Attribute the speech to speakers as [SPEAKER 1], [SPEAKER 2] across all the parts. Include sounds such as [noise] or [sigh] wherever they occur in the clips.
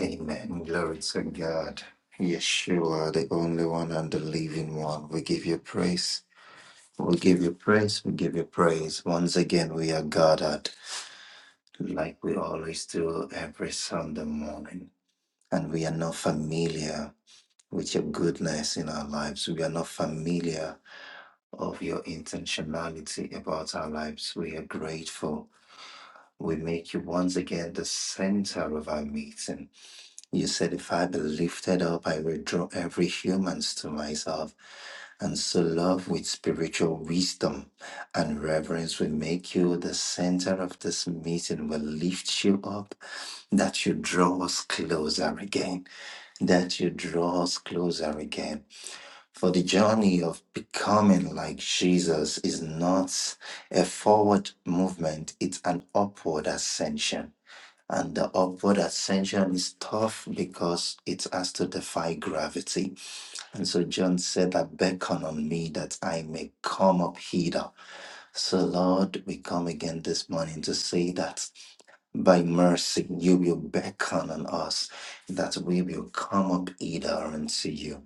[SPEAKER 1] Amen. Glory to God. Yeshua, the only one and the living one. We give you praise. We give you praise. We give you praise. Once again, we are gathered like we always do every Sunday morning. And we are not familiar with your goodness in our lives. We are not familiar of your intentionality about our lives. We are grateful. We make you once again the center of our meeting You said, If I be lifted up, I will draw every humans to myself. And so love with spiritual wisdom and reverence will make you the center of this meeting, will lift you up, that you draw us closer again, that you draw us closer again. For the journey of becoming like Jesus is not a forward movement, it's an upward ascension. And the upward ascension is tough because it has to defy gravity. And so John said that beckon on me that I may come up hither. So Lord, we come again this morning to say that by mercy, you will beckon on us that we will come up either unto you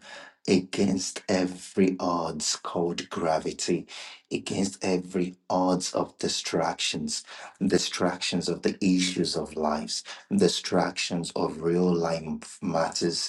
[SPEAKER 1] against every odds called gravity, against every odds of distractions, distractions of the issues of lives, distractions of real life matters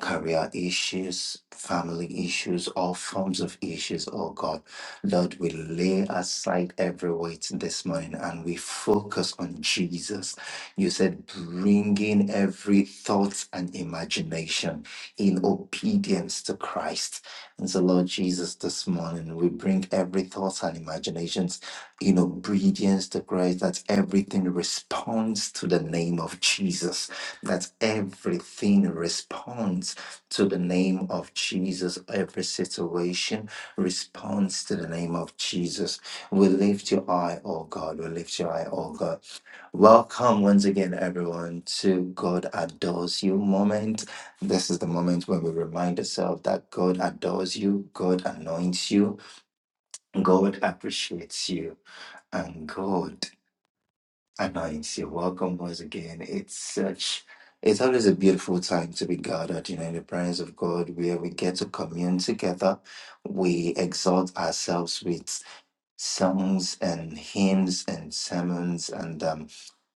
[SPEAKER 1] career issues, family issues, all forms of issues, oh God. Lord, we lay aside every weight this morning and we focus on Jesus. You said, bringing every thought and imagination in obedience to Christ. And so, Lord Jesus, this morning we bring every thought and imaginations in obedience to Christ, that everything responds to the name of Jesus that everything responds to the name of Jesus. Every situation responds to the name of Jesus. We lift your eye, oh God. We lift your eye, oh God. Welcome once again, everyone, to God Adores You moment. This is the moment when we remind ourselves that God adores you, God anoints you, God appreciates you, and God and I anoint you. Welcome once again. It's such it's always a beautiful time to be gathered, you know, in the presence of God where we get to commune together. We exalt ourselves with songs and hymns and sermons and um,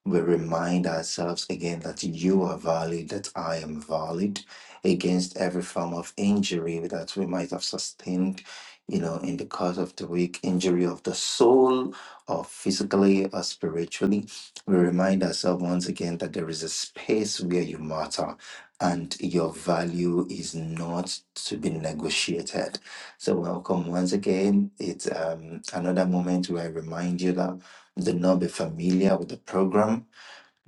[SPEAKER 1] we remind ourselves again that you are valid, that I am valid against every form of injury that we might have sustained, you know, in the course of the week, injury of the soul or physically or spiritually. We remind ourselves once again that there is a space where you matter and your value is not to be negotiated. So welcome once again. It's um, another moment where I remind you that do not be familiar with the program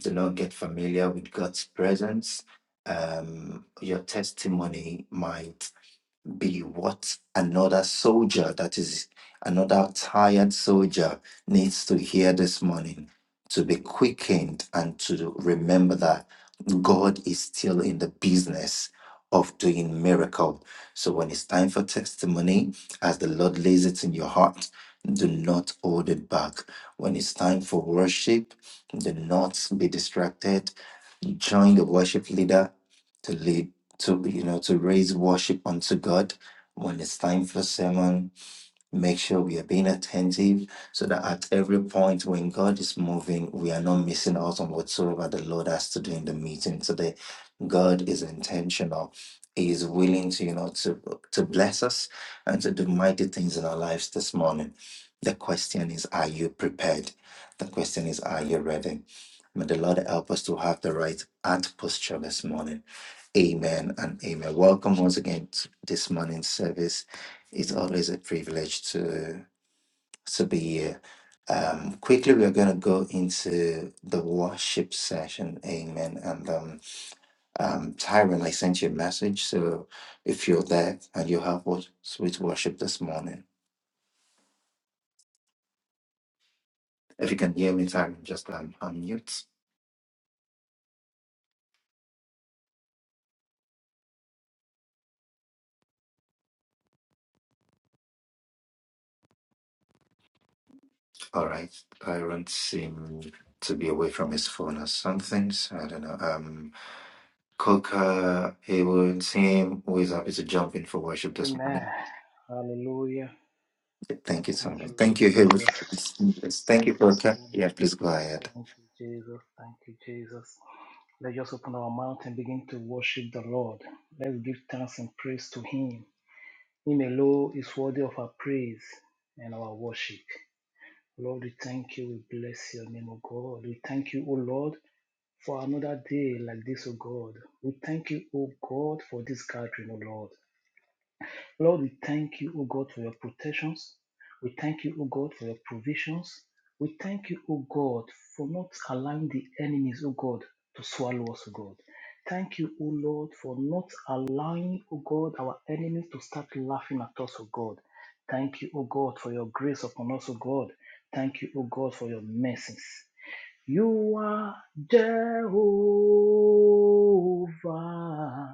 [SPEAKER 1] do not get familiar with God's presence. Um, your testimony might be what another soldier, that is, another tired soldier, needs to hear this morning to be quickened and to remember that. God is still in the business of doing miracle. So when it's time for testimony, as the Lord lays it in your heart, do not hold it back. When it's time for worship, do not be distracted. Join the worship leader to lead to you know to raise worship unto God. When it's time for sermon, Make sure we are being attentive so that at every point when God is moving, we are not missing out on whatsoever the Lord has to do in the meeting today. God is intentional. He is willing to, you know, to, to bless us and to do mighty things in our lives this morning. The question is, are you prepared? The question is, are you ready? May the Lord help us to have the right heart posture this morning. Amen and amen. Welcome once again to this morning's service. It's always a privilege to to be here. Um, quickly, we are going to go into the worship session. Amen. And um, um, Tyron, I sent you a message. So if you're there and you have what sweet worship this morning, if you can hear me, Tyron, just um, unmute. All right. Tyron seemed to be away from his phone or something. So I don't know. Um, Coca, Hayward, and Sam, who is obviously jumping for worship this
[SPEAKER 2] Amen.
[SPEAKER 1] morning.
[SPEAKER 2] Hallelujah.
[SPEAKER 1] Thank you so
[SPEAKER 2] Thank
[SPEAKER 1] much.
[SPEAKER 2] you, Lord
[SPEAKER 1] Thank you, Hayward.
[SPEAKER 2] Jesus.
[SPEAKER 1] Thank you, Coca.
[SPEAKER 2] Thank
[SPEAKER 1] Yeah, please go ahead.
[SPEAKER 2] you, Jesus. Thank you, Jesus. Let's just open our mouth and begin to worship the Lord. Let's give thanks and praise to Him. Him alone is worthy of our praise and our worship. Lord, we thank you. We bless your name, O God. We thank you, O Lord, for another day like this, O God. We thank you, O God, for this gathering, O Lord. Lord, we thank you, O God, for your protections. We thank you, O God, for your provisions. We thank you, O God, for not allowing the enemies, O God, to swallow us, O God. Thank you, O Lord, for not allowing, O God, our enemies to start laughing at us, O God. Thank you, O God, for your grace upon us, O God. Thank you, O God, for your mercies. You are Jehovah.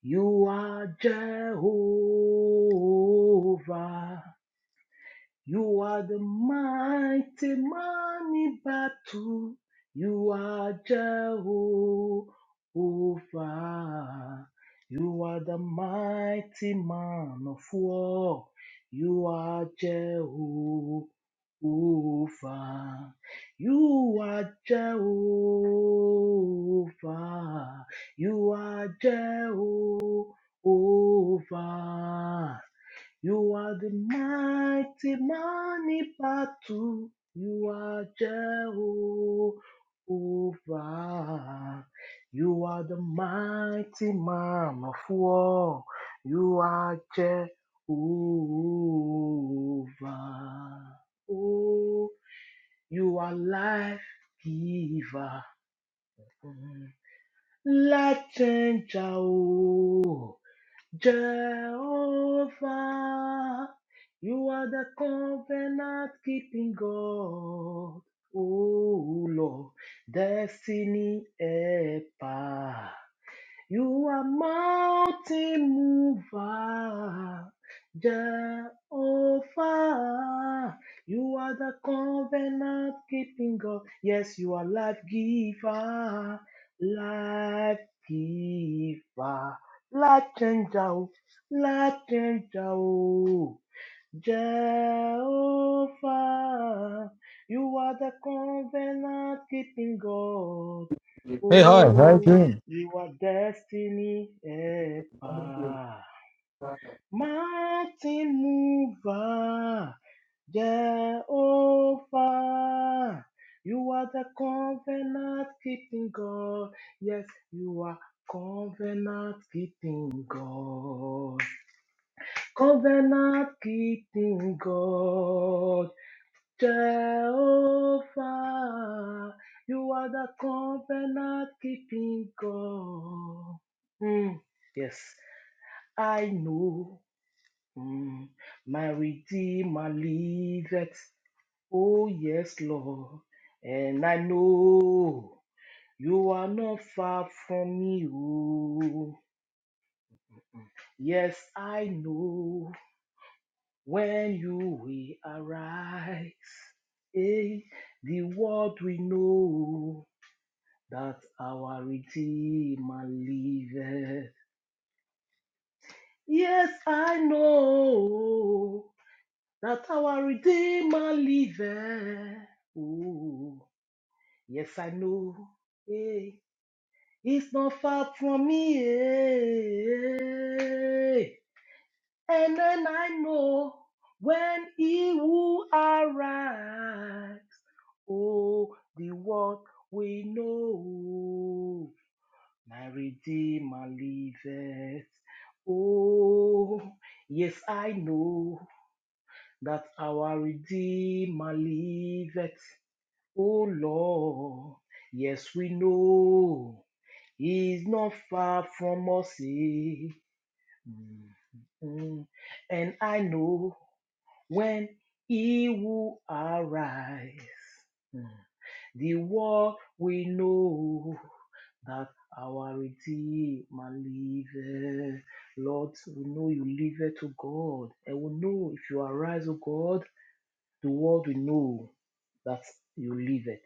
[SPEAKER 2] You are Jehovah. You are the mighty man in battle. You are Jehovah. You are the mighty man of war. You are Jehovah. You are Jehovah. You are Jehovah. You are the mighty money battle. You are Jehovah. You are the mighty man of war. You are Jehovah. Oh, you are life giver, Mm. life changer. Oh. Jehovah, you are the covenant keeping God. Oh Lord, destiny helper. You are mountain mover, Jehovah. You are the covenant keeping God. Yes, you are life giver, life giver, life changer, oh, life changer. oh. Jehovah, you are the covenant keeping God.
[SPEAKER 3] Hey, hi, how are you
[SPEAKER 2] Oh,
[SPEAKER 3] doing?
[SPEAKER 2] you are destiny helper. Mountain mover, Jehovah, you are the covenant keeping God. Yes, you are covenant keeping God. Covenant keeping God, Jehovah, you are the covenant keeping God. Mm, yes, I know mm, my Redeemer liveth. Oh, yes, Lord, and I know you are not far from me. oh. Yes, I know When you will arise, eh, the world will know that our Redeemer liveth. Yes, I know that our Redeemer liveth. Oh, yes, I know. eh, it's not far from me. eh. And then I know when he will arise. Oh, the world we know, my Redeemer liveth. Oh, yes, I know that our Redeemer liveth. Oh, Lord, yes, we know He's not far from us. eh. Mm. And I know when He will arise. Mm. The world we know that our Redeemer liveth. Lord, we know you liveth to God. And we know if you arise, O God, the world will know that you liveth.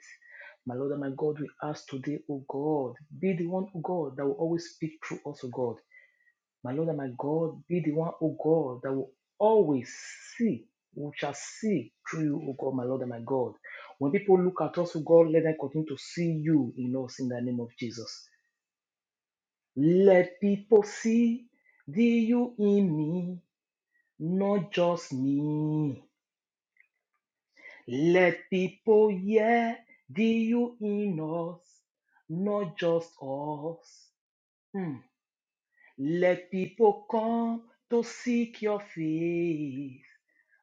[SPEAKER 2] My Lord and my God, we ask today, O God, be the one, O God, that will always speak through us, O God. My Lord and my God, be the one, O God, that will always see, we shall see through you, O God, my Lord and my God. When people look at us, O God, let them continue to see you in us in the name of Jesus. Let people see the you in me, not just me. Let people hear the you in us, not just us. Hmm. Let people come to seek your face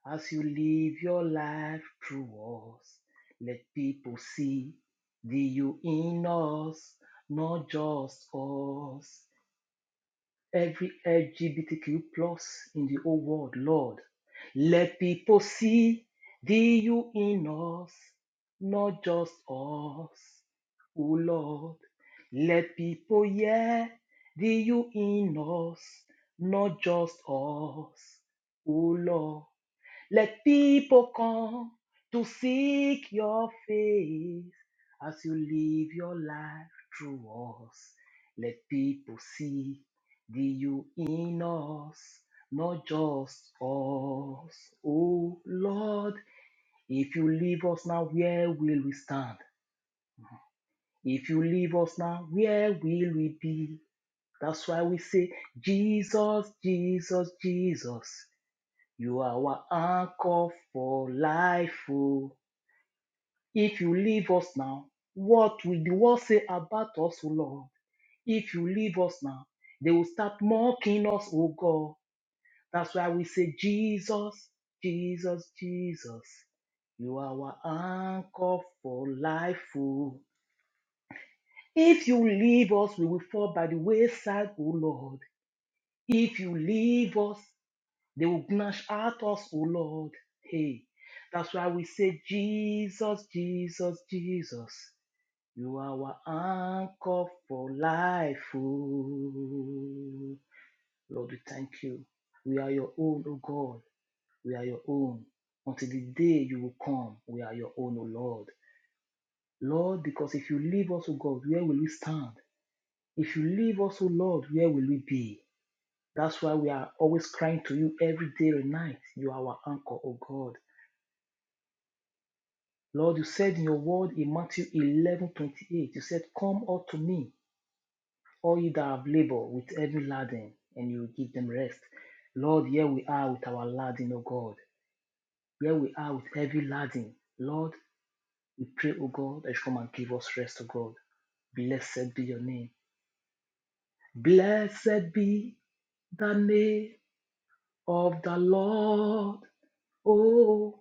[SPEAKER 2] as you live your life through us. Let people see the you in us, not just us every LGBTQ plus in the whole world, Lord. Let people see thee you in us, not just us, oh Lord. Let people hear thee you in us, not just us, oh Lord. Let people come to seek your face as you live your life through us. Let people see the you in us, not just us. Oh Lord, if you leave us now, where will we stand? If you leave us now, where will we be? That's why we say, Jesus, Jesus, Jesus. You are our anchor for life. Oh. If you leave us now, what will the world say about us, O Lord? If you leave us now, they will start mocking us, O God. That's why we say, Jesus, Jesus, Jesus, you are our anchor for life, O. If you leave us, we will fall by the wayside, O Lord. If you leave us, they will gnash at us, O Lord. Hey, that's why we say, Jesus, Jesus, Jesus. You are our anchor for life. oh. Lord, we thank you. We are your own, O God. We are your own. Until the day you will come, we are your own, O Lord. Lord, because if you leave us, O God, where will we stand? If you leave us, O Lord, where will we be? That's why we are always crying to you every day and night. You are our anchor, O God. Lord, you said in your word in Matthew eleven twenty eight, you said, Come unto me, all you that have labored with heavy laden, and you will give them rest. Lord, here we are with our laden, O God. Here we are with heavy laden. Lord, we pray, O God, that you come and give us rest, O God. Blessed be your name. Blessed be the name of the Lord, oh,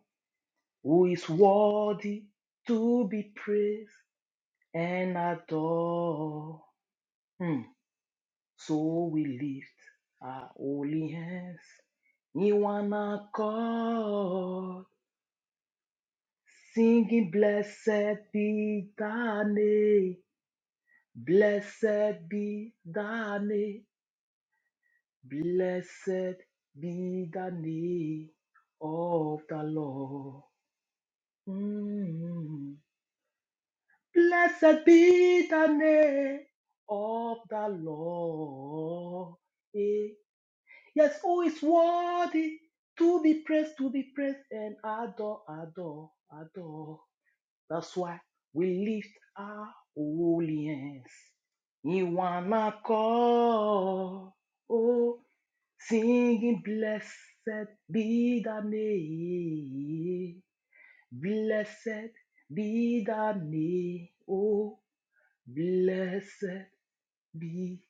[SPEAKER 2] who is worthy to be praised and adored. Hmm. So we lift our holy hands in one accord, singing, Blessed be thy name, blessed be thy name, blessed be the name of the Lord. Mm. Blessed be the name of the Lord. Eh, Yes, oh, it's worthy to be praised, to be praised and adore, adore, adore. That's why we lift our holy hands in one accord. Oh, singing, blessed be the name. Blessed be the name. Oh, blessed be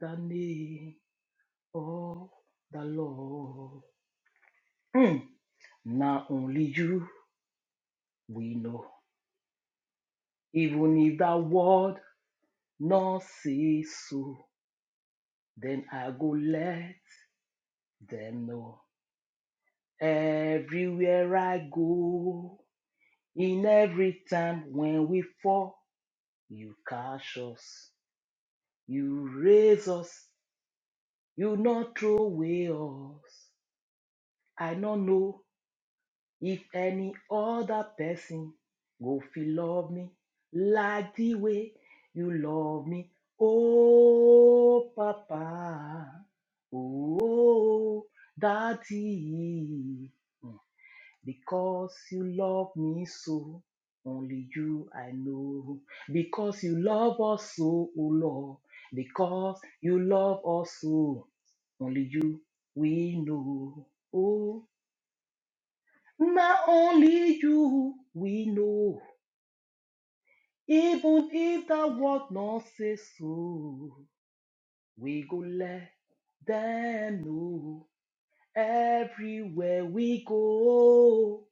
[SPEAKER 2] the name of the Lord. Mm. Now only you we know. Even if that world not say so, then I go let them know. Everywhere I go, in every time when we fall, you catch us, you raise us, you not throw away us. I don't know If any other person go feel love me like the way you love me, oh Papa, oh Daddy, because you love me so, only you I know. Because you love us so, oh Lord, because you love us so, only you we know. Oh. Now only you we know, even if the world not say so, we go let them know. Everywhere we go,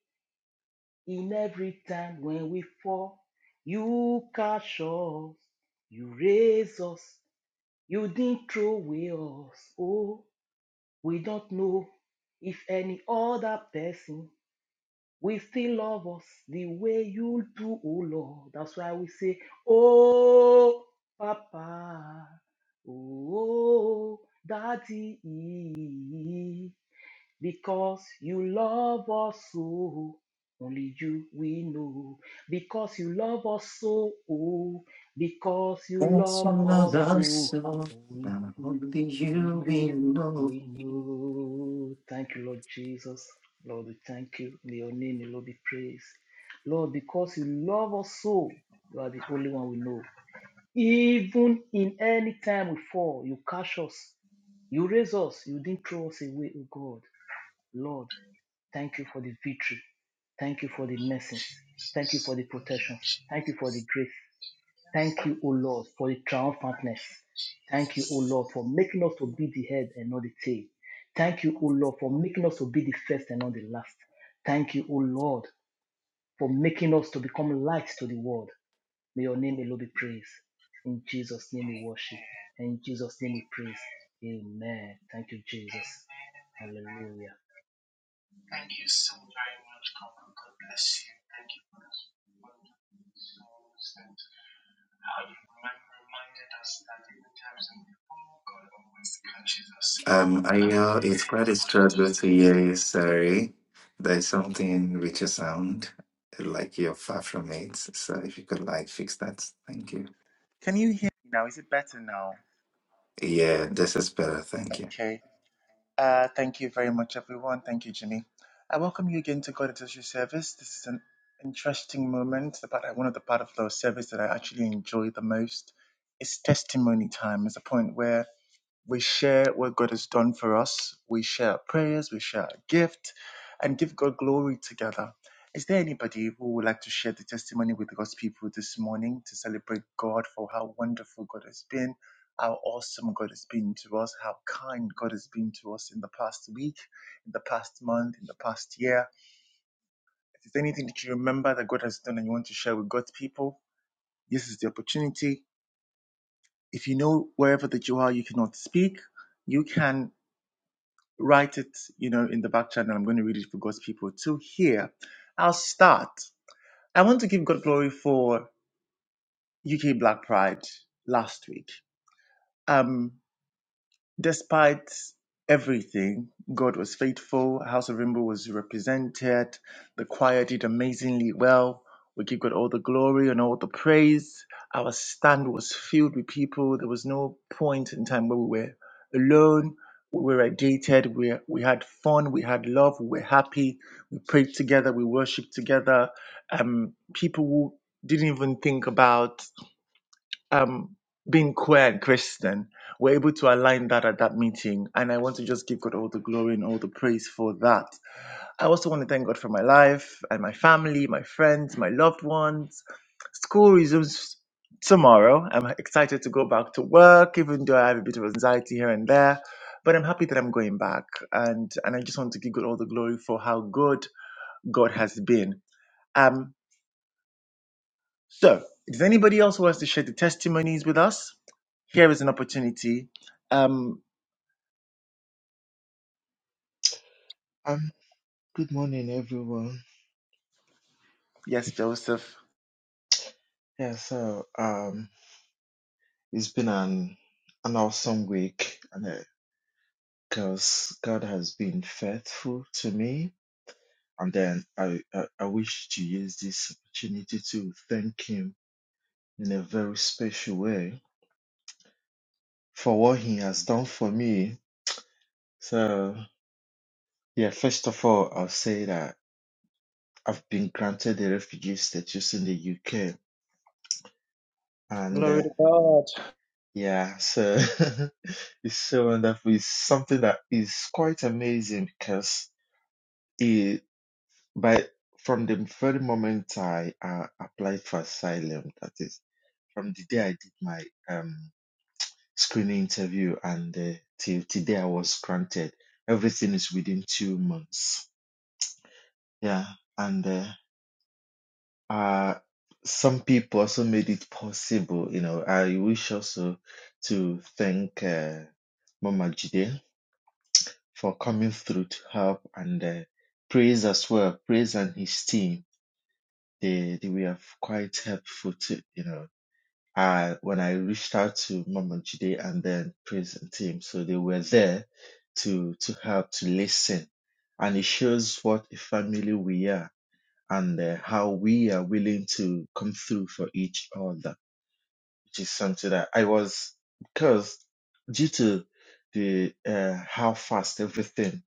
[SPEAKER 2] in every time when we fall, you catch us, you raise us, you didn't throw away us. Oh, we don't know if any other person We still love us the way you do, oh Lord. That's why we say, Oh, Papa, oh, Daddy, because you love us so. Only you we know. Because you love us so, oh, because you
[SPEAKER 1] That's
[SPEAKER 2] love
[SPEAKER 1] one of
[SPEAKER 2] us
[SPEAKER 1] the
[SPEAKER 2] so.
[SPEAKER 1] songs
[SPEAKER 2] Only
[SPEAKER 1] that
[SPEAKER 2] you.
[SPEAKER 1] only
[SPEAKER 2] Through
[SPEAKER 1] you will
[SPEAKER 2] you
[SPEAKER 1] know.
[SPEAKER 2] we know. Thank you, Lord Jesus. Lord, we thank you. May your name, may Lord, be praised. Lord, because you love us so, you are the only one we know. Even in any time we fall, you catch us, you raise us, you didn't throw us away, oh God. Lord, thank you for the victory. Thank you for the mercies. Thank you for the protections. Thank you for the grace. Thank you, O Lord, for the triumphantness. Thank you, O Lord, for making us to be the head and not the tail. Thank you, O Lord, for making us to be the first and not the last. Thank you, O Lord, for making us to become light to the world. May your name alone be praised. In Jesus' name we worship. And in Jesus' name we praise. Amen. Thank you, Jesus. Hallelujah.
[SPEAKER 1] Um, I know it's quite a struggle to hear you. Sorry, there's something with your sound, like you're far from it. So if you could like fix that, thank you.
[SPEAKER 4] Can you hear me now? Is it better now?
[SPEAKER 1] Yeah, this is better. Thank you.
[SPEAKER 4] Okay. Uh, thank you very much, everyone. Thank you, Jimmy. I welcome you again to God Industry service. This is an interesting moment. The part, one of the part of the service that I actually enjoy the most is testimony time. It's a point where we share what God has done for us. We share our prayers. We share our gift and give God glory together. Is there anybody who would like to share the testimony with God's people this morning to celebrate God for how wonderful God has been, how awesome God has been to us, how kind God has been to us in the past week, in the past month, in the past year? If there's anything that you remember that God has done and you want to share with God's people, this is the opportunity. If you know wherever that you are, you cannot speak, you can write it, you know, in the back channel. I'm going to read it for God's people to hear. I'll start. I want to give God glory for UK Black Pride last week. Um, despite everything, God was faithful. House of Rainbow was represented. The choir did amazingly well. We give God all the glory and all the praise. Our stand was filled with people. There was no point in time where we were alone. We were agitated. We, we had fun. We had love. We were happy. We prayed together. We worshiped together. Um, people who didn't even think about um, being queer and Christian, we're able to align that at that meeting. And I want to just give God all the glory and all the praise for that. I also want to thank God for my life and my family, my friends, my loved ones. School resumes tomorrow. I'm excited to go back to work, even though I have a bit of anxiety here and there. But I'm happy that I'm going back. And, and I just want to give God all the glory for how good God has been. Um, so, does anybody else wants to share the testimonies with us? Here is an opportunity. Um,
[SPEAKER 5] Um, good morning, everyone.
[SPEAKER 4] yes, Joseph.
[SPEAKER 5] Yeah, so um, it's been an an awesome week, and because God has been faithful to me, and then I, I I wish to use this opportunity to thank Him in a very special way for what He has done for me. So yeah, first of all, I'll say that I've been granted a refugee status in the UK, and
[SPEAKER 4] Glory
[SPEAKER 5] uh,
[SPEAKER 4] to God.
[SPEAKER 5] yeah, so. [laughs] It's so wonderful. It's something that is quite amazing because it by from the very moment I uh, applied for asylum, that is from the day I did my um screening interview and uh, till today I was granted. Everything is within two months. Yeah, and uh, uh some people also made it possible. You know, I wish also to thank uh, Mama Jide for coming through to help and uh, praise as well. Praise and his team, they they were quite helpful too. You know, I when I reached out to Mama Jide and then praise and team, so they were there to to help to listen, and it shows what a family we are and uh, how we are willing to come through for each other, which is something that I was because due to the uh, how fast everything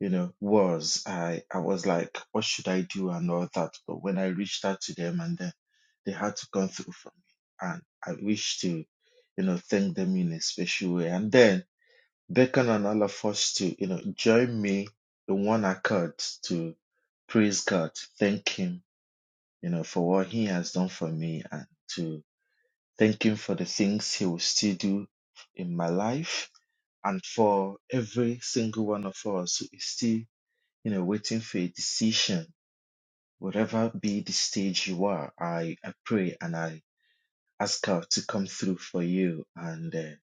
[SPEAKER 5] you know, was I I was like, what should I do and all that. But when I reached out to them and then they had to come through for me. And I wish to, you know, thank them in a special way. And then beckon and all of us to, you know, join me in one accord to praise God, thank Him, you know, for what He has done for me and to thank Him for the things He will still do in my life and for every single one of us who is still you know, waiting for a decision, whatever be the stage you are, I, I pray and I ask God to come through for you. And, uh,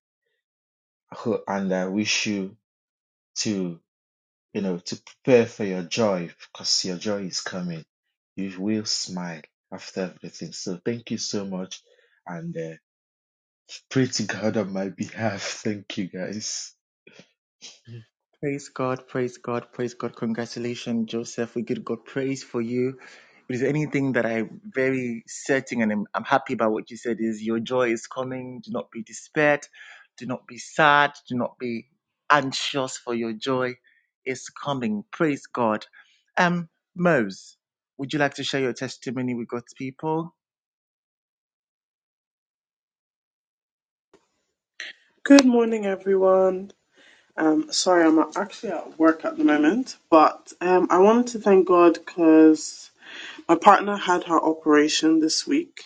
[SPEAKER 5] I ho- and I wish you to, you know, to prepare for your joy because your joy is coming. You will smile after everything. So thank you so much. And uh, pray to God on my behalf. [laughs] Thank you guys. [laughs]
[SPEAKER 4] Praise God. Praise God. Praise God. Congratulations, Joseph. We give God praise for you. If there's anything that I'm very certain and I'm, I'm happy about what you said is your joy is coming. Do not be despaired. Do not be sad. Do not be anxious for your joy is coming. Praise God. Um, Mose, would you like to share your testimony with God's people?
[SPEAKER 6] Good morning, everyone. Um, sorry, I'm actually at work at the moment, but um, I wanted to thank God because my partner had her operation this week.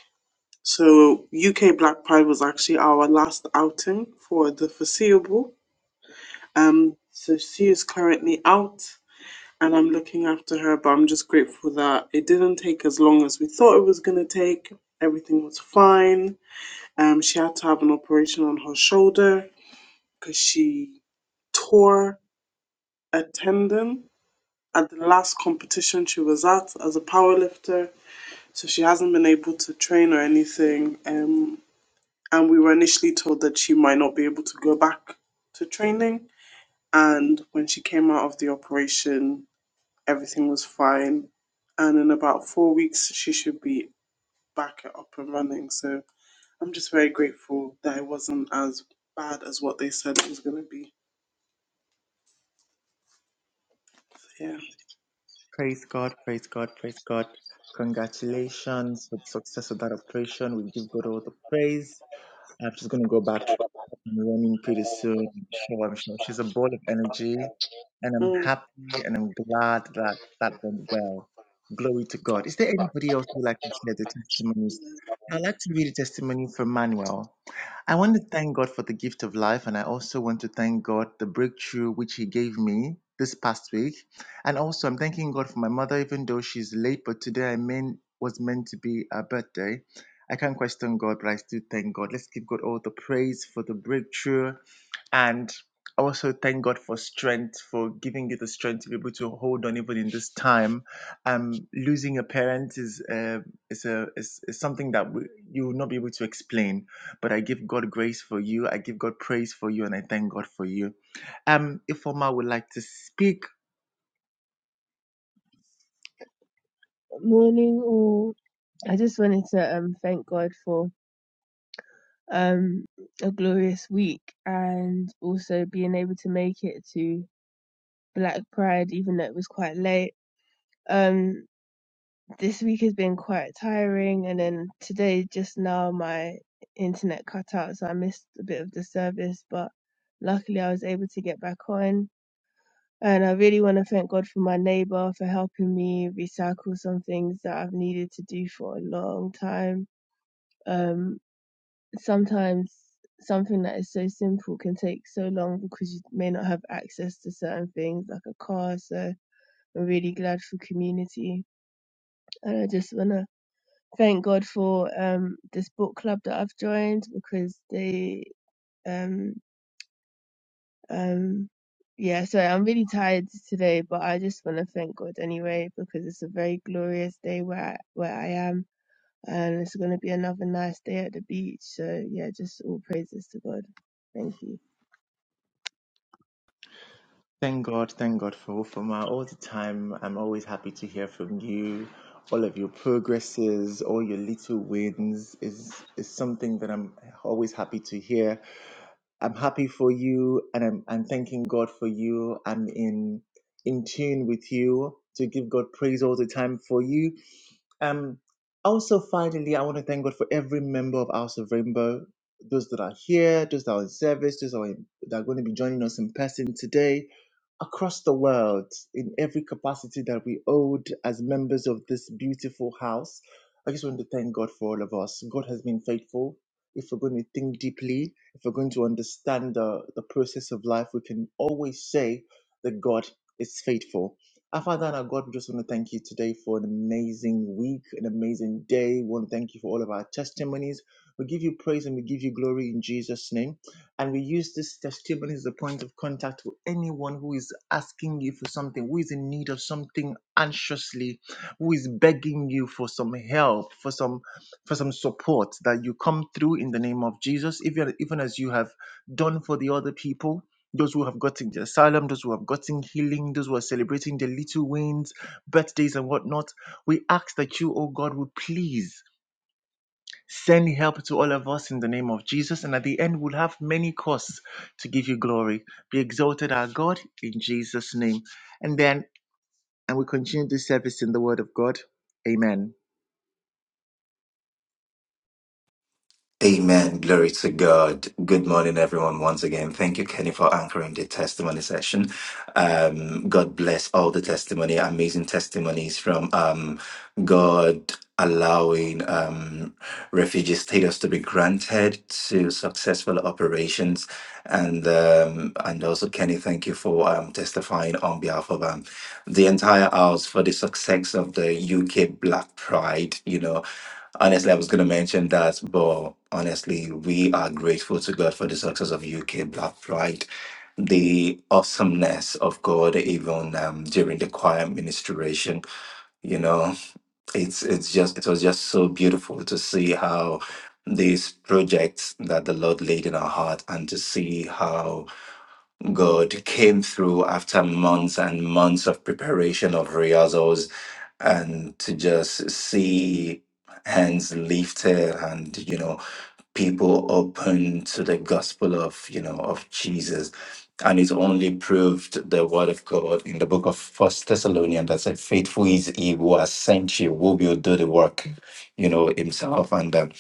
[SPEAKER 6] So, UK Black Pride was actually our last outing for the foreseeable. Um, so, she is currently out and I'm looking after her, but I'm just grateful that it didn't take as long as we thought it was going to take. Everything was fine. Um, she had to have an operation on her shoulder because she tore attending at the last competition she was at as a powerlifter. So she hasn't been able to train or anything. Um, and we were initially told that she might not be able to go back to training. And when she came out of the operation, everything was fine. And in about four weeks, she should be back up and running. So I'm just very grateful that it wasn't as bad as what they said it was going to be. Yeah.
[SPEAKER 4] Praise God, praise God, praise God. Congratulations with success of that operation. We give God all the praise. I'm just going to go back up and running pretty soon. I'm sure, I'm sure. She's a ball of energy, and I'm
[SPEAKER 6] Mm.
[SPEAKER 4] happy and I'm glad that that went well. Glory to God. Is there anybody else who would like to share the testimonies? I'd like to read a testimony from Manuel. I want to thank God for the gift of life, and I also want to thank God the breakthrough which He gave me this past week. And also, I'm thanking God for my mother, even though she's late, but today I mean was meant to be her birthday. I can't question God, but I still thank God. Let's give God all the praise for the breakthrough, and I also thank God for strength, for giving you the strength to be able to hold on even in this time. Um, losing a parent is uh, it's a it's, it's something that we, you will not be able to explain but i give god grace for you i give god praise for you and i thank god for you um ifoma would like to speak
[SPEAKER 7] Morning all. I just wanted to um thank God for um a glorious week and also being able to make it to Black Pride even though it was quite late. Um this week has been quite tiring and then today just now my internet cut out so I missed a bit of the service but luckily I was able to get back on. And I really want to thank God for my neighbor for helping me recycle some things that I've needed to do for a long time Um sometimes something that is so simple can take so long because you may not have access to certain things like a car. So I'm really glad for community. And I just want to thank God for um, this book club that I've joined because they, um, um, yeah, sorry, I'm really tired today, but I just want to thank God anyway because it's a very glorious day where I, where I am. And it's going to be another nice day at the beach. So, yeah, just all praises to God. Thank you.
[SPEAKER 4] thank god thank god for ifoma all the time i'm always happy to hear from you all of your progresses all your little wins is is something that i'm always happy to hear I'm happy for you and I'm, I'm thanking God for you. I'm in in tune with you to give God praise all the time for you. Um, also, finally, I want to thank God for every member of House of Rainbow, those that are here, those that are in service, those that are, in, that are going to be joining us in person today, across the world, in every capacity that we hold as members of this beautiful house. I just want to thank God for all of us. God has been faithful. If we're going to think deeply, if we're going to understand the, the process of life, we can always say that God is faithful. Our Father and our God, we just want to thank you today for an amazing week, an amazing day. We want to thank you for all of our testimonies. We give you praise and we give you glory in Jesus' name. And we use this testimony as a point of contact for anyone who is asking you for something, who is in need of something anxiously, who is begging you for some help, for some for some support that you come through in the name of Jesus. Even even as you have done for the other people, those who have gotten the asylum, those who have gotten healing, those who are celebrating the little wins, birthdays, and whatnot. We ask that you, oh God, would please send help to all of us in the name of Jesus. And at the end, we'll have many costs to give you glory. Be exalted, our God, in Jesus' name. And then, and we continue this service in the word of God. Amen.
[SPEAKER 1] Amen. Glory to God. Good morning, everyone. Once again, thank you, Kenny, for anchoring the testimony session. Um, God bless all the testimony, amazing testimonies from um, God allowing um, refugee status to be granted to successful operations, and um, and also Kenny, thank you for um, testifying on behalf of um, the entire house for the success of the UK Black Pride. You know, Honestly, I was going to mention that, but honestly, we are grateful to God for the success of UK Black Pride, the awesomeness of God, even um, during the choir ministration. You know, it's it's just it was just so beautiful to see how these projects that the Lord laid in our heart, and to see how God came through after months and months of preparation of rehearsals and to just see hands lifted and you know people open to the gospel of you know of jesus and it's only proved the word of god in the book of first thessalonians that said faithful is he who has sent you who will do the work you know himself and um,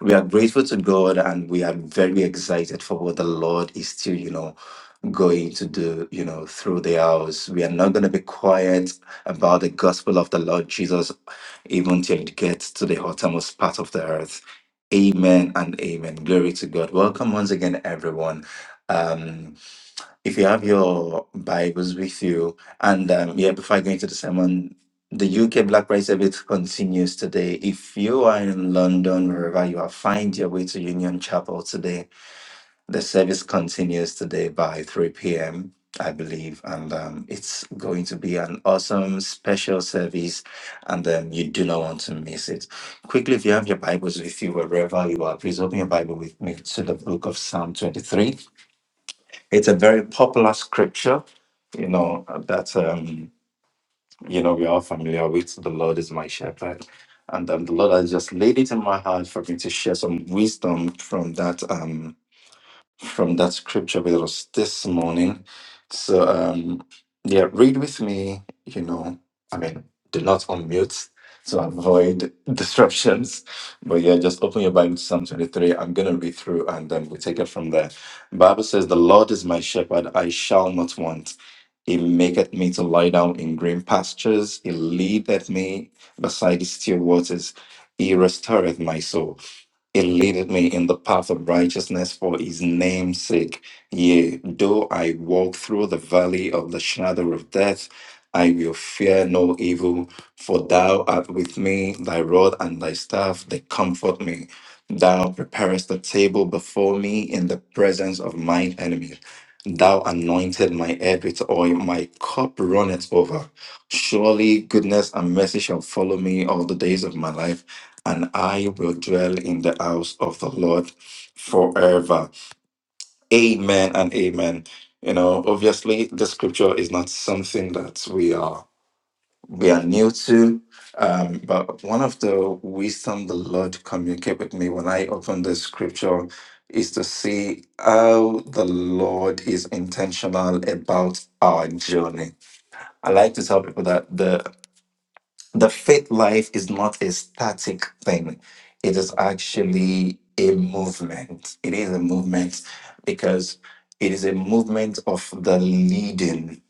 [SPEAKER 1] we are grateful to god and we are very excited for what the lord is still you know going to do, you know, through the hours. We are not going to be quiet about the gospel of the Lord Jesus, even till it gets to the uttermost part of the earth. Amen and amen. Glory to God. Welcome once again, everyone. Um, if you have your Bibles with you, and um, yeah, before I go into the sermon, the UK Black Pride Service continues today. If you are in London, wherever you are, find your way to Union Chapel today the service continues today by 3 p.m., I believe, and um, it's going to be an awesome special service, and um, you do not want to miss it. Quickly, if you have your Bibles with you, wherever you are, please open your Bible with me to the book of Psalm 23. It's a very popular scripture, you know, that, um, you know, we're all familiar with. The Lord is my shepherd. And um, the Lord has just laid it in my heart for me to share some wisdom from that. Um, from that scripture with us this morning. So, um, yeah, read with me, you know, I mean, do not unmute to avoid disruptions. But yeah, just open your Bible to Psalm 23. I'm going to read through and then we take it from there. Bible says, The Lord is my shepherd, I shall not want. He maketh me to lie down in green pastures. He leadeth me beside the still waters. He restoreth my soul. It leadeth me in the path of righteousness for his name's sake. Yea, though I walk through the valley of the shadow of death, I will fear no evil, for thou art with me, thy rod and thy staff, they comfort me. Thou preparest the table before me in the presence of mine enemies. Thou anointed my head with oil, my cup runneth over. Surely goodness and mercy shall follow me all the days of my life and I will dwell in the house of the Lord forever. Amen and amen. You know, obviously, the scripture is not something that we are we are new to. Um, but one of the wisdom the Lord communicate with me when I open the scripture is to see how the Lord is intentional about our journey. I like to tell people that the the faith life is not a static thing. It is actually a movement. It is a movement because it is a movement of the leading,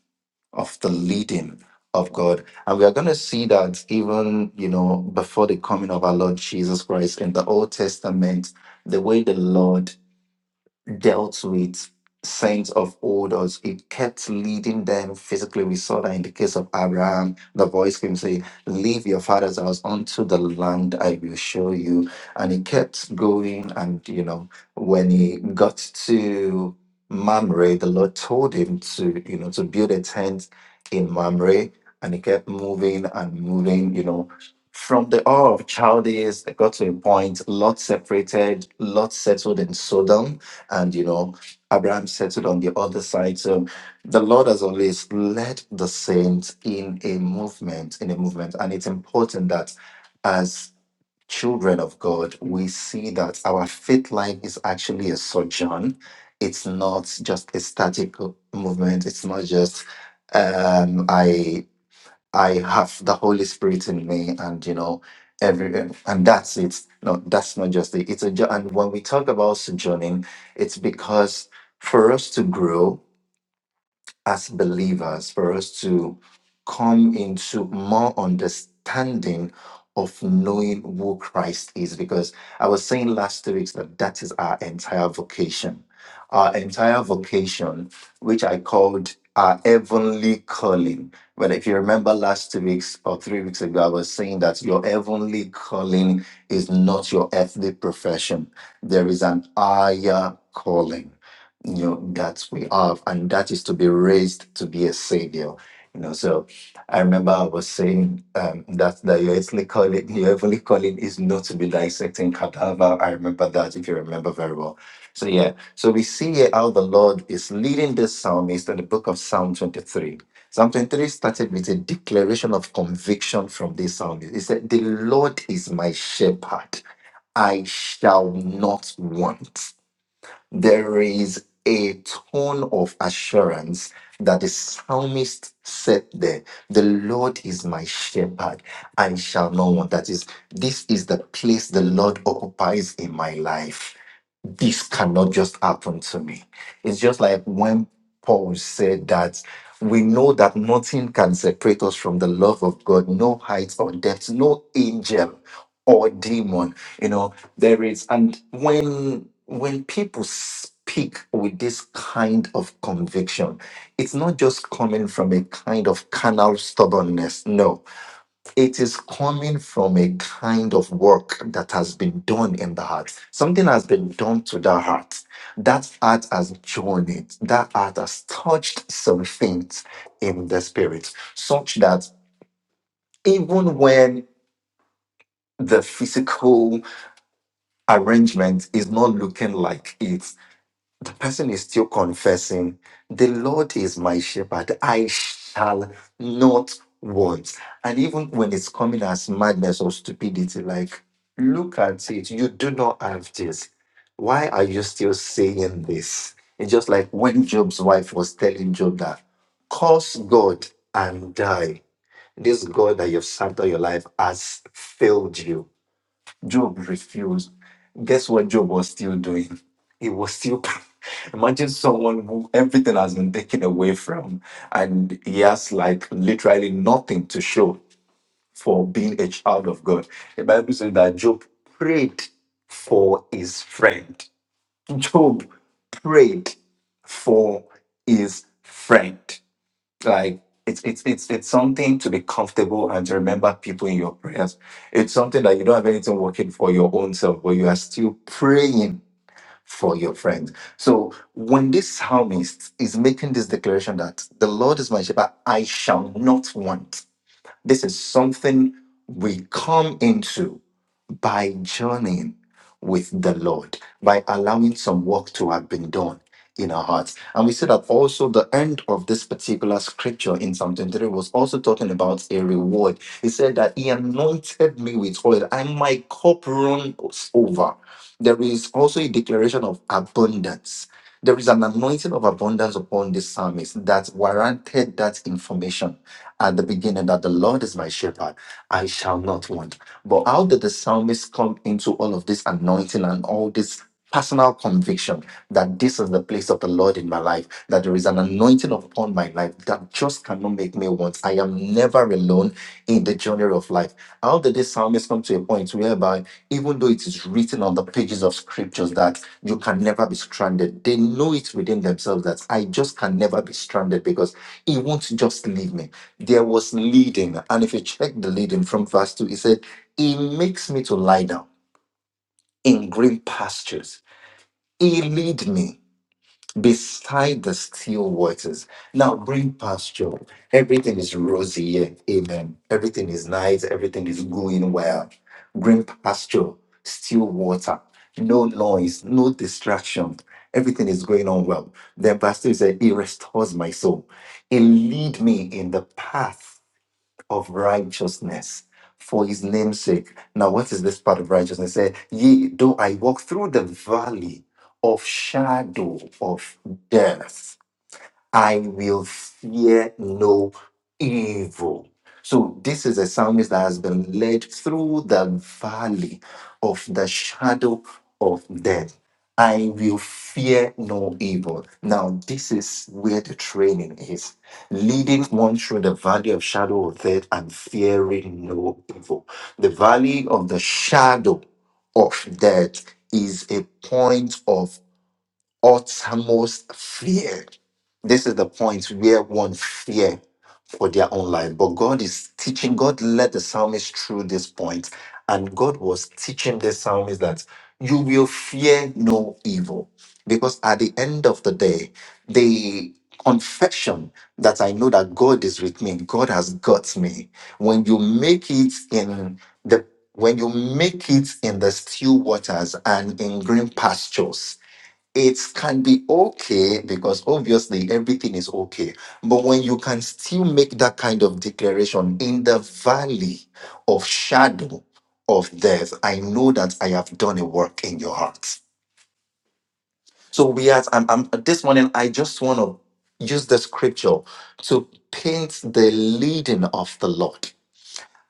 [SPEAKER 1] of the leading of God. And we are going to see that even, you know, before the coming of our Lord Jesus Christ in the Old Testament, the way the Lord dealt with saints of old or it kept leading them physically we saw that in the case of abraham the voice came say leave your father's house unto the land i will show you and he kept going and you know when he got to mamre the lord told him to you know to build a tent in mamre and he kept moving and moving you know from the hour of Chaldees, they got to a point, Lot separated, Lot settled in Sodom, and you know abraham settled on the other side so the lord has always led the saints in a movement in a movement and it's important that as children of god we see that our faith life is actually a sojourn it's not just a static movement it's not just um, I I have the Holy Spirit in me, and you know, every and that's it. No, that's not just it. It's a jo- and when we talk about sojourning, it's because for us to grow as believers for us to come into more understanding of knowing who Christ is. Because I was saying last two weeks that that is our entire vocation. Our entire vocation, which I called our heavenly calling. But if you remember last two weeks or three weeks ago, I was saying that your heavenly calling is not your earthly profession. There is an higher calling you know that we have and that is to be raised to be a savior you know so i remember i was saying um that that your earthly calling your heavenly calling is not to be dissecting cadaver i remember that if you remember very well so yeah so we see here how the lord is leading this psalmist in the book of psalm 23 psalm 23 started with a declaration of conviction from this psalmist he said the lord is my shepherd i shall not want there is a tone of assurance that the psalmist said there the lord is my shepherd i shall not want that is this is the place the lord occupies in my life this cannot just happen to me. It's just like when Paul said that we know that nothing can separate us from the love of God, no height or depth, no angel or demon. You know, there is, and when when people speak with this kind of conviction, it's not just coming from a kind of carnal stubbornness. No it is coming from a kind of work that has been done in the heart. Something has been done to the heart. That heart has joined it. That heart has touched some things in the spirit, such that even when the physical arrangement is not looking like it, The person is still confessing, the Lord is my shepherd, I shall not want. And even when it's coming as madness or stupidity, like, look at it, you do not have this. Why are you still saying this? It's just like when Job's wife was telling Job that, curse God and die. This God that you've served all your life has failed you Job refused. Guess what Job was still doing? He was still. [laughs] Imagine someone who everything has been taken away from, and he has like literally nothing to show for being a child of God. The Bible says that Job prayed for his friend. Job prayed for his friend like it's it's it's it's something to be comfortable and to remember people in your prayers. It's something that you don't have anything working for your own self, but you are still praying for your friends. So when this psalmist is making this declaration that the Lord is my shepherd, I shall not want. This is something we come into by journeying with the Lord, by allowing some work to have been done in our hearts. And we see that also the end of this particular scripture in Psalm 23 was also talking about a reward. He said that he anointed me with oil and my cup runs over. There is also a declaration of abundance. There is an anointing of abundance upon this psalmist that warranted that information at the beginning that the Lord is my shepherd. I shall not want but how did the psalmist come into all of this anointing and all this personal conviction that this is the place of the Lord in my life, that there is an anointing upon my life that just cannot make me want. I am never alone in the journey of life. How did this psalmist come to a point whereby, even though it is written on the pages of scriptures that you can never be stranded, they know it within themselves that I just can never be stranded because he won't just leave me. There was leading. And if you check the leading from verse 2, it said, he makes me to lie down in green pastures. He lead me beside the still waters. Now, green pasture, everything is rosy here. Amen. Everything is nice. Everything is going well. Green pasture, still water, no noise, no distraction. Everything is going on well. Then verse 2 says, He restores my soul. He lead me in the path of righteousness for his name's sake. Now, what is this part of righteousness? Say, ye though I walk through the valley of shadow of death. I will fear no evil. So, this is a psalmist that has been led through the valley of the shadow of death. I will fear no evil. Now, this is where the training is leading one through the valley of shadow of death and fearing no evil. The valley of the shadow of death is a point of uttermost fear. This is the point where one fear for their own life. But God is teaching, God led the psalmist through this point, and God was teaching the psalmist that you will fear no evil. Because at the end of the day, the confession that I know that God is with me, God has got me. When you make it in the when you make it in the still waters and in green pastures, it can be okay because obviously everything is okay. But when you can still make that kind of declaration in the valley of shadow of death, I know that I have done a work in your heart. So we are. I'm, I'm- this morning. I just want to use the scripture to paint the leading of the Lord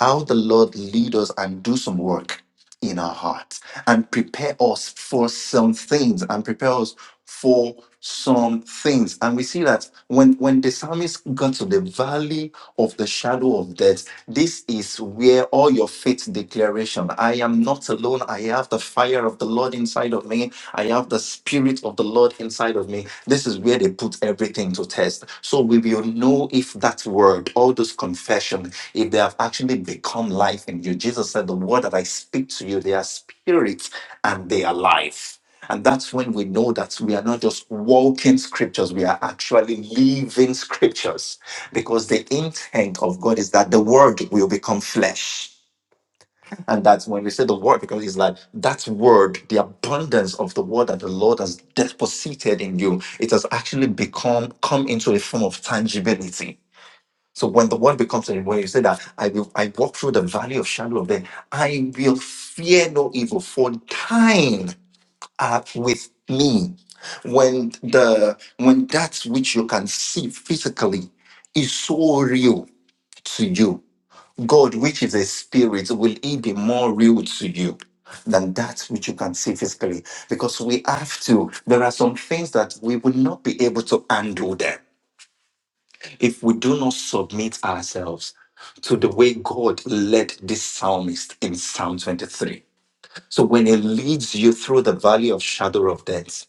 [SPEAKER 1] how the Lord lead us and do some work in our hearts and prepare us for some things and prepare us for some things. And we see that when, when the psalmist got to the valley of the shadow of death, this is where all your faith declaration, I am not not alone. I have the fire of the Lord inside of me. I have the spirit of the Lord inside of me. This is where they put everything to test. So we will know if that word, all those confession, if they have actually become life in you. Jesus said, The word that I speak to you, they are spirit and they are life. And that's when we know that we are not just walking scriptures, we are actually living scriptures. Because the intent of God is that the word will become flesh. And that's when we say the word, because it's like that word, the abundance of the word that the Lord has deposited in you, it has actually become come into a form of tangibility. So when the word becomes a word, you say that I will I walk through the valley of shadow of death, I will fear no evil, for thine art with me. When the when that which you can see physically is so real to you God, which is a spirit, will he be more real to you than that which you can see physically? Because we have to, there are some things that we will not be able to handle them if we do not submit ourselves to the way God led this psalmist in Psalm 23. So when he leads you through the valley of shadow of death,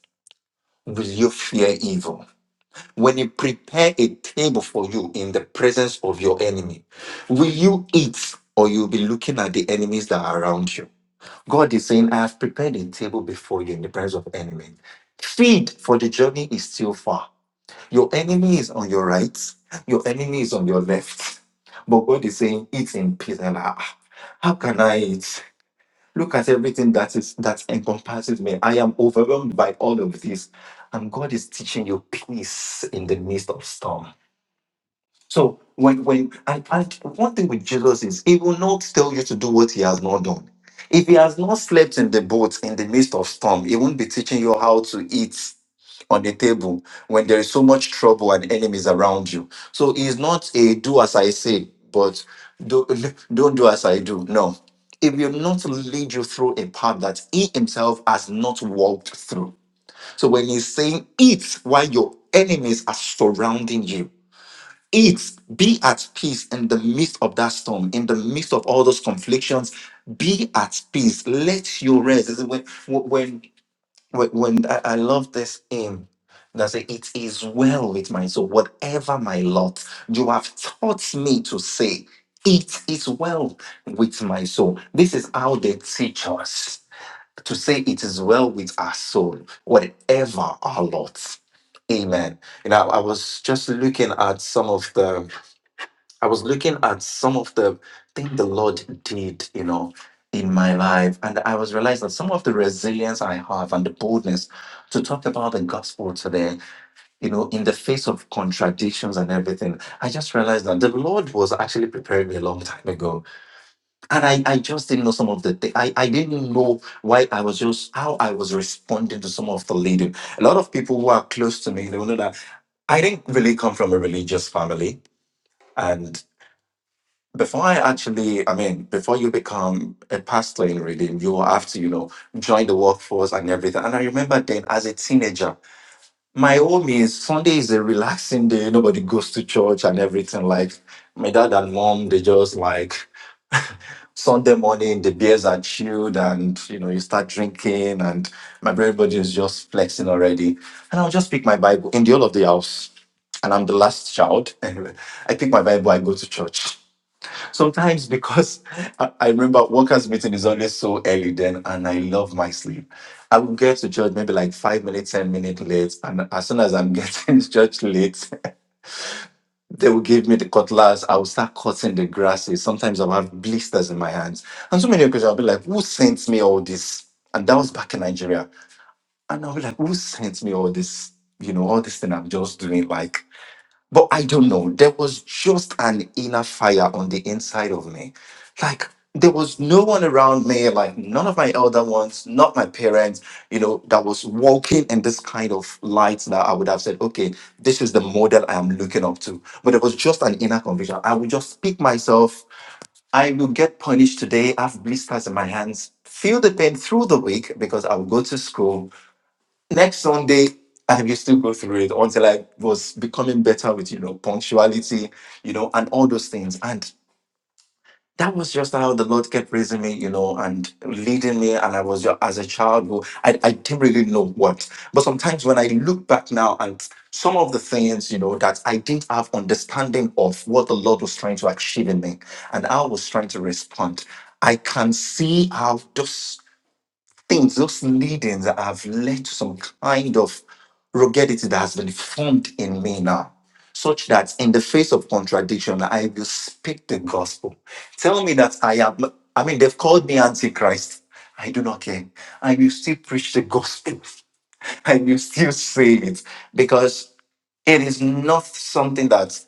[SPEAKER 1] will you fear evil? When you prepare a table for you in the presence of your enemy, will you eat or you'll be looking at the enemies that are around you? God is saying, I have prepared a table before you in the presence of enemies. Feed, for the journey is still far. Your enemy is on your right, your enemy is on your left. But God is saying, eat in peace. And ah, how can I eat? Look at everything that is that encompasses me. I am overwhelmed by all of this. And God is teaching you peace in the midst of storm. So when when and, and one thing with Jesus is he will not tell you to do what he has not done. If he has not slept in the boat in the midst of storm, he won't be teaching you how to eat on the table when there is so much trouble and enemies around you. So he is not a do as I say, but do, [laughs] don't do as I do. No. He will not lead you through a path that he himself has not walked through. So when he's saying eat while your enemies are surrounding you, Eat, be at peace in the midst of that storm, in the midst of all those conflictions. Be at peace. Let your rest. This is When, when, when, when I, I love this hymn that say, "It is well with my soul. Whatever my lot, you have taught me to say, it is well with my soul." This is how they teach us to say, "It is well with our soul, whatever our lot." Amen. You know, I was just looking at some of the I was looking at some of the things the Lord did, you know, in my life, and I was realizing that some of the resilience I have and the boldness to talk about the gospel today, you know, in the face of contradictions and everything, I just realized that the Lord was actually preparing me a long time ago. And I, I just didn't know some of the things. I, I didn't know why I was just, how I was responding to some of the leading. A lot of people who are close to me, they will know that I didn't really come from a religious family. and. Before I actually, I mean, before you become a pastor in Redeem, you will have to, you know, join the workforce and everything. And I remember then as a teenager, my home is Sunday is a relaxing day. Nobody goes to church and everything. Like my dad and mom, they just like Sunday morning, the beers are chilled and, you know, you start drinking and my everybody is just flexing already. And I'll just pick my Bible in the whole of the house. And I'm the last child. [laughs] Anyway, I pick my Bible, I go to church. Sometimes because [laughs] I I remember workers meeting is always so early then, and I love my sleep. I will get to church maybe like five minutes, ten minutes late, and as soon as I'm [laughs] getting to church late, [laughs] they will give me the cutlass. I will start cutting the grasses. Sometimes I'll have blisters in my hands, and so many occasions I'll be like, "Who sent me all this?" And that was back in Nigeria, and I'll be like, "Who sent me all this?" You know, all this thing I'm just doing, like but I don't know. There was just an inner fire on the inside of me. Like there was no one around me, like none of my elder ones, not my parents, you know, that was walking in this kind of light that I would have said, okay, this is the model I am looking up to. But it was just an inner conviction. I would just pick myself. I will get punished today. I have blisters in my hands. Feel the pain through the week because I will go to school next Sunday, I used to go through it until I was becoming better with, you know, punctuality, you know, and all those things. And that was just how the Lord kept raising me, you know, and leading me. And I was just, as a child, who I, I didn't really know what. But sometimes when I look back now and some of the things, you know, that I didn't have understanding of what the Lord was trying to achieve in me and how I was trying to respond, I can see how those things, those leadings that have led to some kind of ruggedity that has been formed in me now, such that in the face of contradiction, I will speak the gospel. Tell me that I am, I mean, they've called me Antichrist. I do not care. I will still preach the gospel. [laughs] I will still say it because it is not something that.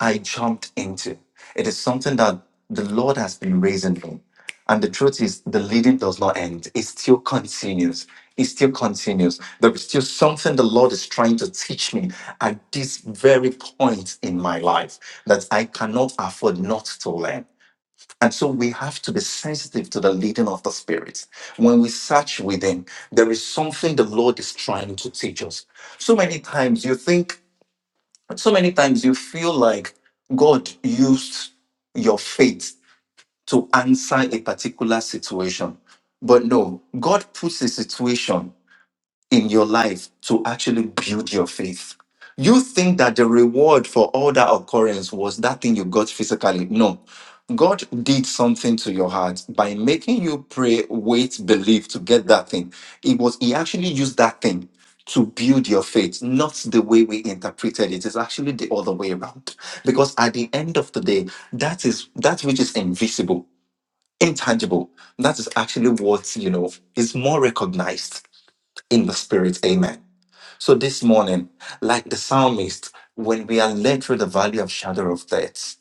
[SPEAKER 1] I jumped into. It is something that the Lord has been raising me. And the truth is, the leading does not end. It still continues. It still continues. There is still something the Lord is trying to teach me at this very point in my life that I cannot afford not to learn. And so we have to be sensitive to the leading of the Spirit. When we search within, there is something the Lord is trying to teach us. So many times you think so many times you feel like God used your faith to answer a particular situation. But no, God puts a situation in your life to actually build your faith. You think that the reward for all that occurrence was that thing you got physically. No. God did something to your heart by making you pray, wait, believe to get that thing. It was He actually used that thing to build your faith, not the way we interpreted it. It's actually the other way around. Because at the end of the day, that is that which is invisible, intangible, that is actually what you know is more recognized in the spirit. Amen. So this morning, like the psalmist, when we are led through the valley of shadow of death,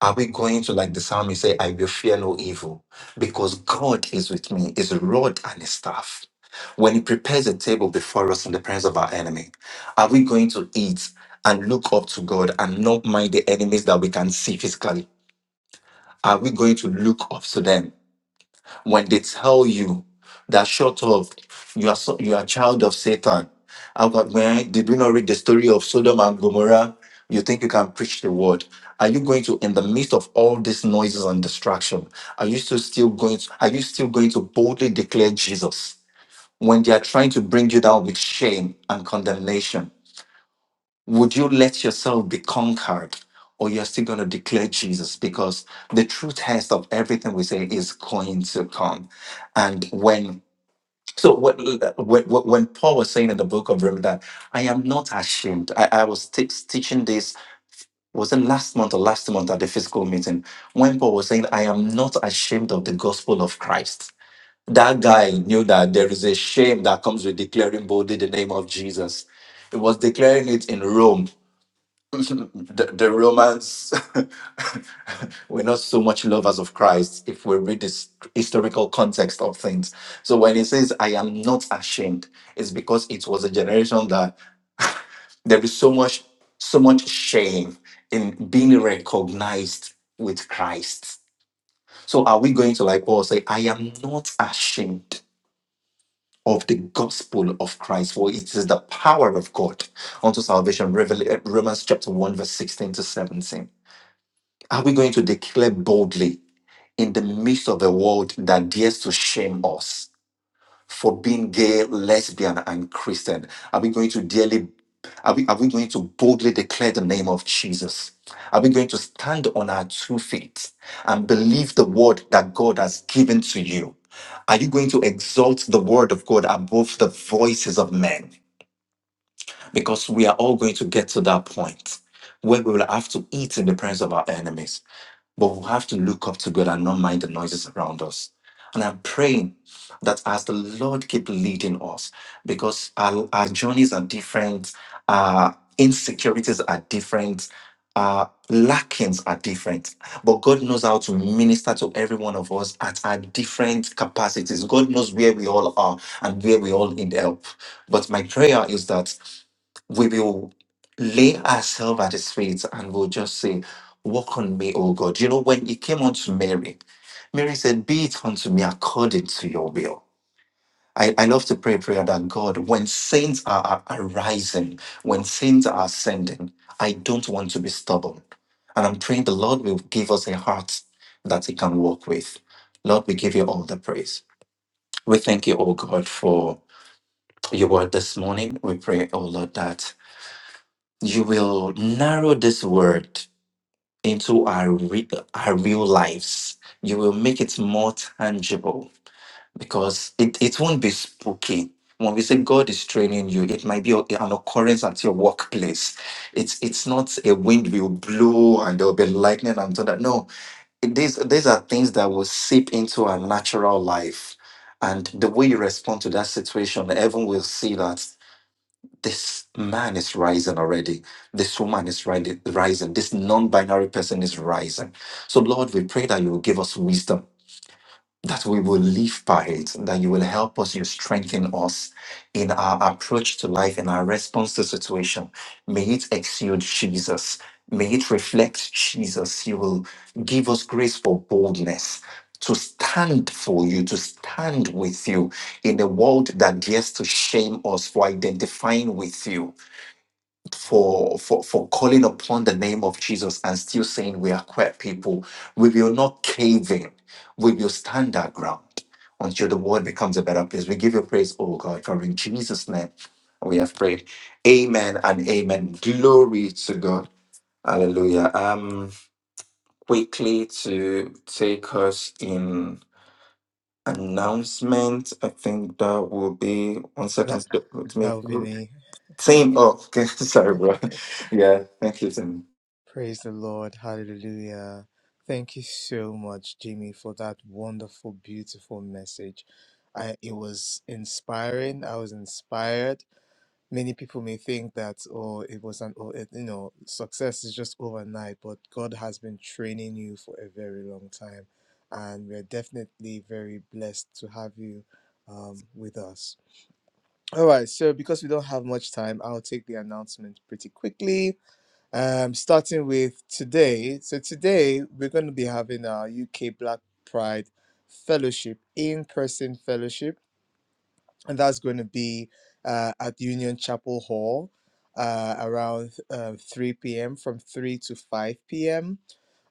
[SPEAKER 1] are we going to, like the psalmist, say, I will fear no evil because God is with me, his rod and his staff. When he prepares a table before us in the presence of our enemy, are we going to eat and look up to God and not mind the enemies that we can see physically? Are we going to look up to them? when they tell you that short of you are so, you are a child of Satan, how about when did we not read the story of Sodom and Gomorrah? You think you can preach the word? Are you going to, in the midst of all these noises and distraction, are you still still going? To, are you still going to boldly declare Jesus when they are trying to bring you down with shame and condemnation? Would you let yourself be conquered or you're still going to declare Jesus? Because the true test of everything we say is going to come. And when so what, what, what- when Paul was saying in the book of Romans that I am not ashamed. I, I was t- teaching this was it last month or last month at the physical meeting when Paul was saying I am not ashamed of the gospel of Christ. That guy knew that there is a shame that comes with declaring boldly the name of Jesus. He was declaring it in Rome the, the Romans [laughs] were not so much lovers of Christ if we read this historical context of things. So when he says, I am not ashamed, it's because it was a generation that [laughs] there is so much, so much shame in being recognized with Christ. So are we going to like Paul say, I am not ashamed? of the gospel of Christ, for it is the power of God unto salvation. Revel- uh, Romans chapter 1, verse 16 to 17. Are we going to declare boldly in the midst of a world that dares to shame us? for being gay, lesbian, and Christian? Are we going to dearly are we, are we going to boldly declare the name of Jesus? Are we going to stand on our two feet and believe the word that God has given to you? Are you going to exalt the word of God above the voices of men? Because we are all going to get to that point where we will have to eat in the presence of our enemies. But we have to look up to God and not mind the noises around us. And I'm praying that as the Lord keep leading us, because our, our journeys are different, our insecurities are different, our lackings are different. But God knows how to minister to every one of us at our different capacities. God knows where we all are and where we all need help. But my prayer is that we will lay ourselves at his feet and we'll just say, Walk on me, O God. You know, when he came unto Mary, Mary said, Be it unto me according to your will. I, I love to pray a prayer that God, when saints are, are arising, when saints are ascending, I don't want to be stubborn. And I'm praying the Lord will give us a heart that he can walk with. Lord, we give you all the praise. We thank you, oh God, for your word this morning. We pray, oh Lord, that you will narrow this word into our, re- our real lives. You will make it more tangible because it, it won't be spooky. When we say God is training you, it might be a- an occurrence at your workplace. It's it's not a wind will blow and there will be lightning and thunder. No, it- these these are things that will seep into our natural life, and the way you respond to that situation, everyone will see that this man is rising already. This woman is ri- rising. This non binary person is rising. So, Lord, we pray that you will give us wisdom, that we will live by it, that you will help us, you strengthen us in our approach to life and our response to situation. May it exude Jesus. May it reflect Jesus. You will give us grace for boldness to stand for you, to stand with you in a world that dares to shame us for identifying with you for for for calling upon the name of Jesus and still saying we are quiet people. We will not cave in. We will stand our ground until the world becomes a better place. We give you praise, oh God, for in Jesus' name we have prayed. Amen and amen. Glory to God. Hallelujah. Um quickly to take us in announcement. I think that will be one
[SPEAKER 8] That
[SPEAKER 1] second. Let
[SPEAKER 8] that
[SPEAKER 1] me-
[SPEAKER 8] would be me.
[SPEAKER 1] Same. Oh, okay. [laughs] Sorry, bro. Yeah. Thank you, Tim.
[SPEAKER 8] Praise the Lord. Hallelujah. Thank you so much, Jimmy, for that wonderful, beautiful message. I, it was inspiring. I was inspired. Many people may think that, oh, it was an, oh, it, you know, success is just overnight, but God has been training you for a very long time. And we're definitely very blessed to have you um, with us. All right. So, because we don't have much time, I'll take the announcement pretty quickly. um, starting with today. So, today we're going to be having our UK Black Pride Fellowship, in person fellowship and that's going to be uh, at Union Chapel Hall uh, around uh, 3 p.m. from 3 to 5 p.m.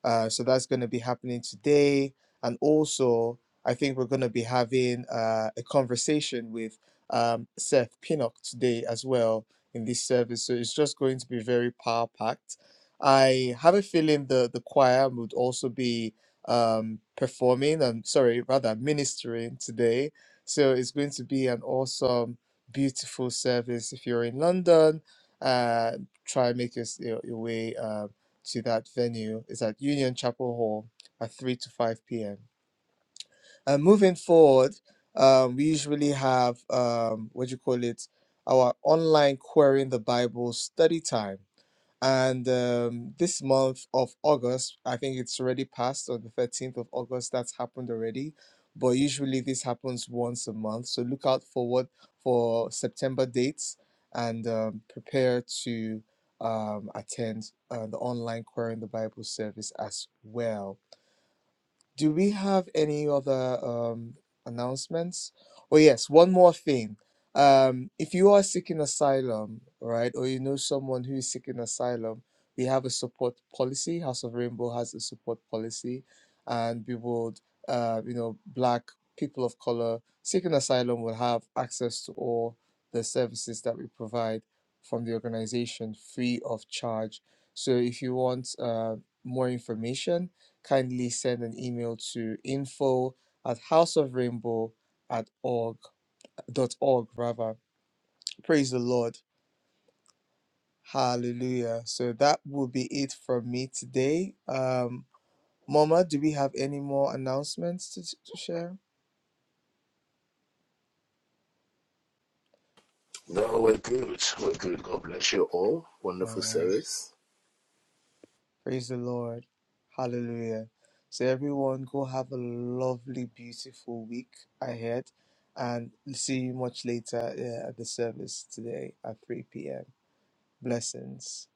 [SPEAKER 8] Uh, so that's going to be happening today. And also, I think we're going to be having uh, a conversation with um, Seth Pinnock today as well in this service. So it's just going to be very power packed. I have a feeling the, the choir would also be um, performing, um, sorry, rather ministering today so it's going to be an awesome, beautiful service. If you're in London, uh, try and make your, s- your, your way uh, to that venue. It's at Union Chapel Hall at 3 to 5 p.m. And moving forward, um, we usually have, um, what do you call it, our online Querying the Bible study time. And um, this month of August, I think it's already passed on the 13th of August, that's happened already. But usually this happens once a month. So look out forward for September dates and um, prepare to um, attend uh, the online Query in the Bible service as well. Do we have any other um, announcements? Oh, yes, one more thing. Um, if you are seeking asylum, right, or you know someone who is seeking asylum, we have a support policy. House of Rainbow has a support policy, and we would, uh, you know, black people of color seeking asylum will have access to all the services that we provide from the organization free of charge. So if you want uh, more information, kindly send an email to info at houseofrainbow at org dot org rather. Praise the Lord. Hallelujah. So that will be it from me today. Um Mama, do we have any more announcements to, to share?
[SPEAKER 9] No, we're good. We're good. God bless you all.
[SPEAKER 8] All
[SPEAKER 9] Wonderful
[SPEAKER 8] right.
[SPEAKER 9] service.
[SPEAKER 8] Praise the Lord. Hallelujah. So everyone go have a lovely, beautiful week ahead and see you much later yeah, at the service today at 3 p.m. Blessings.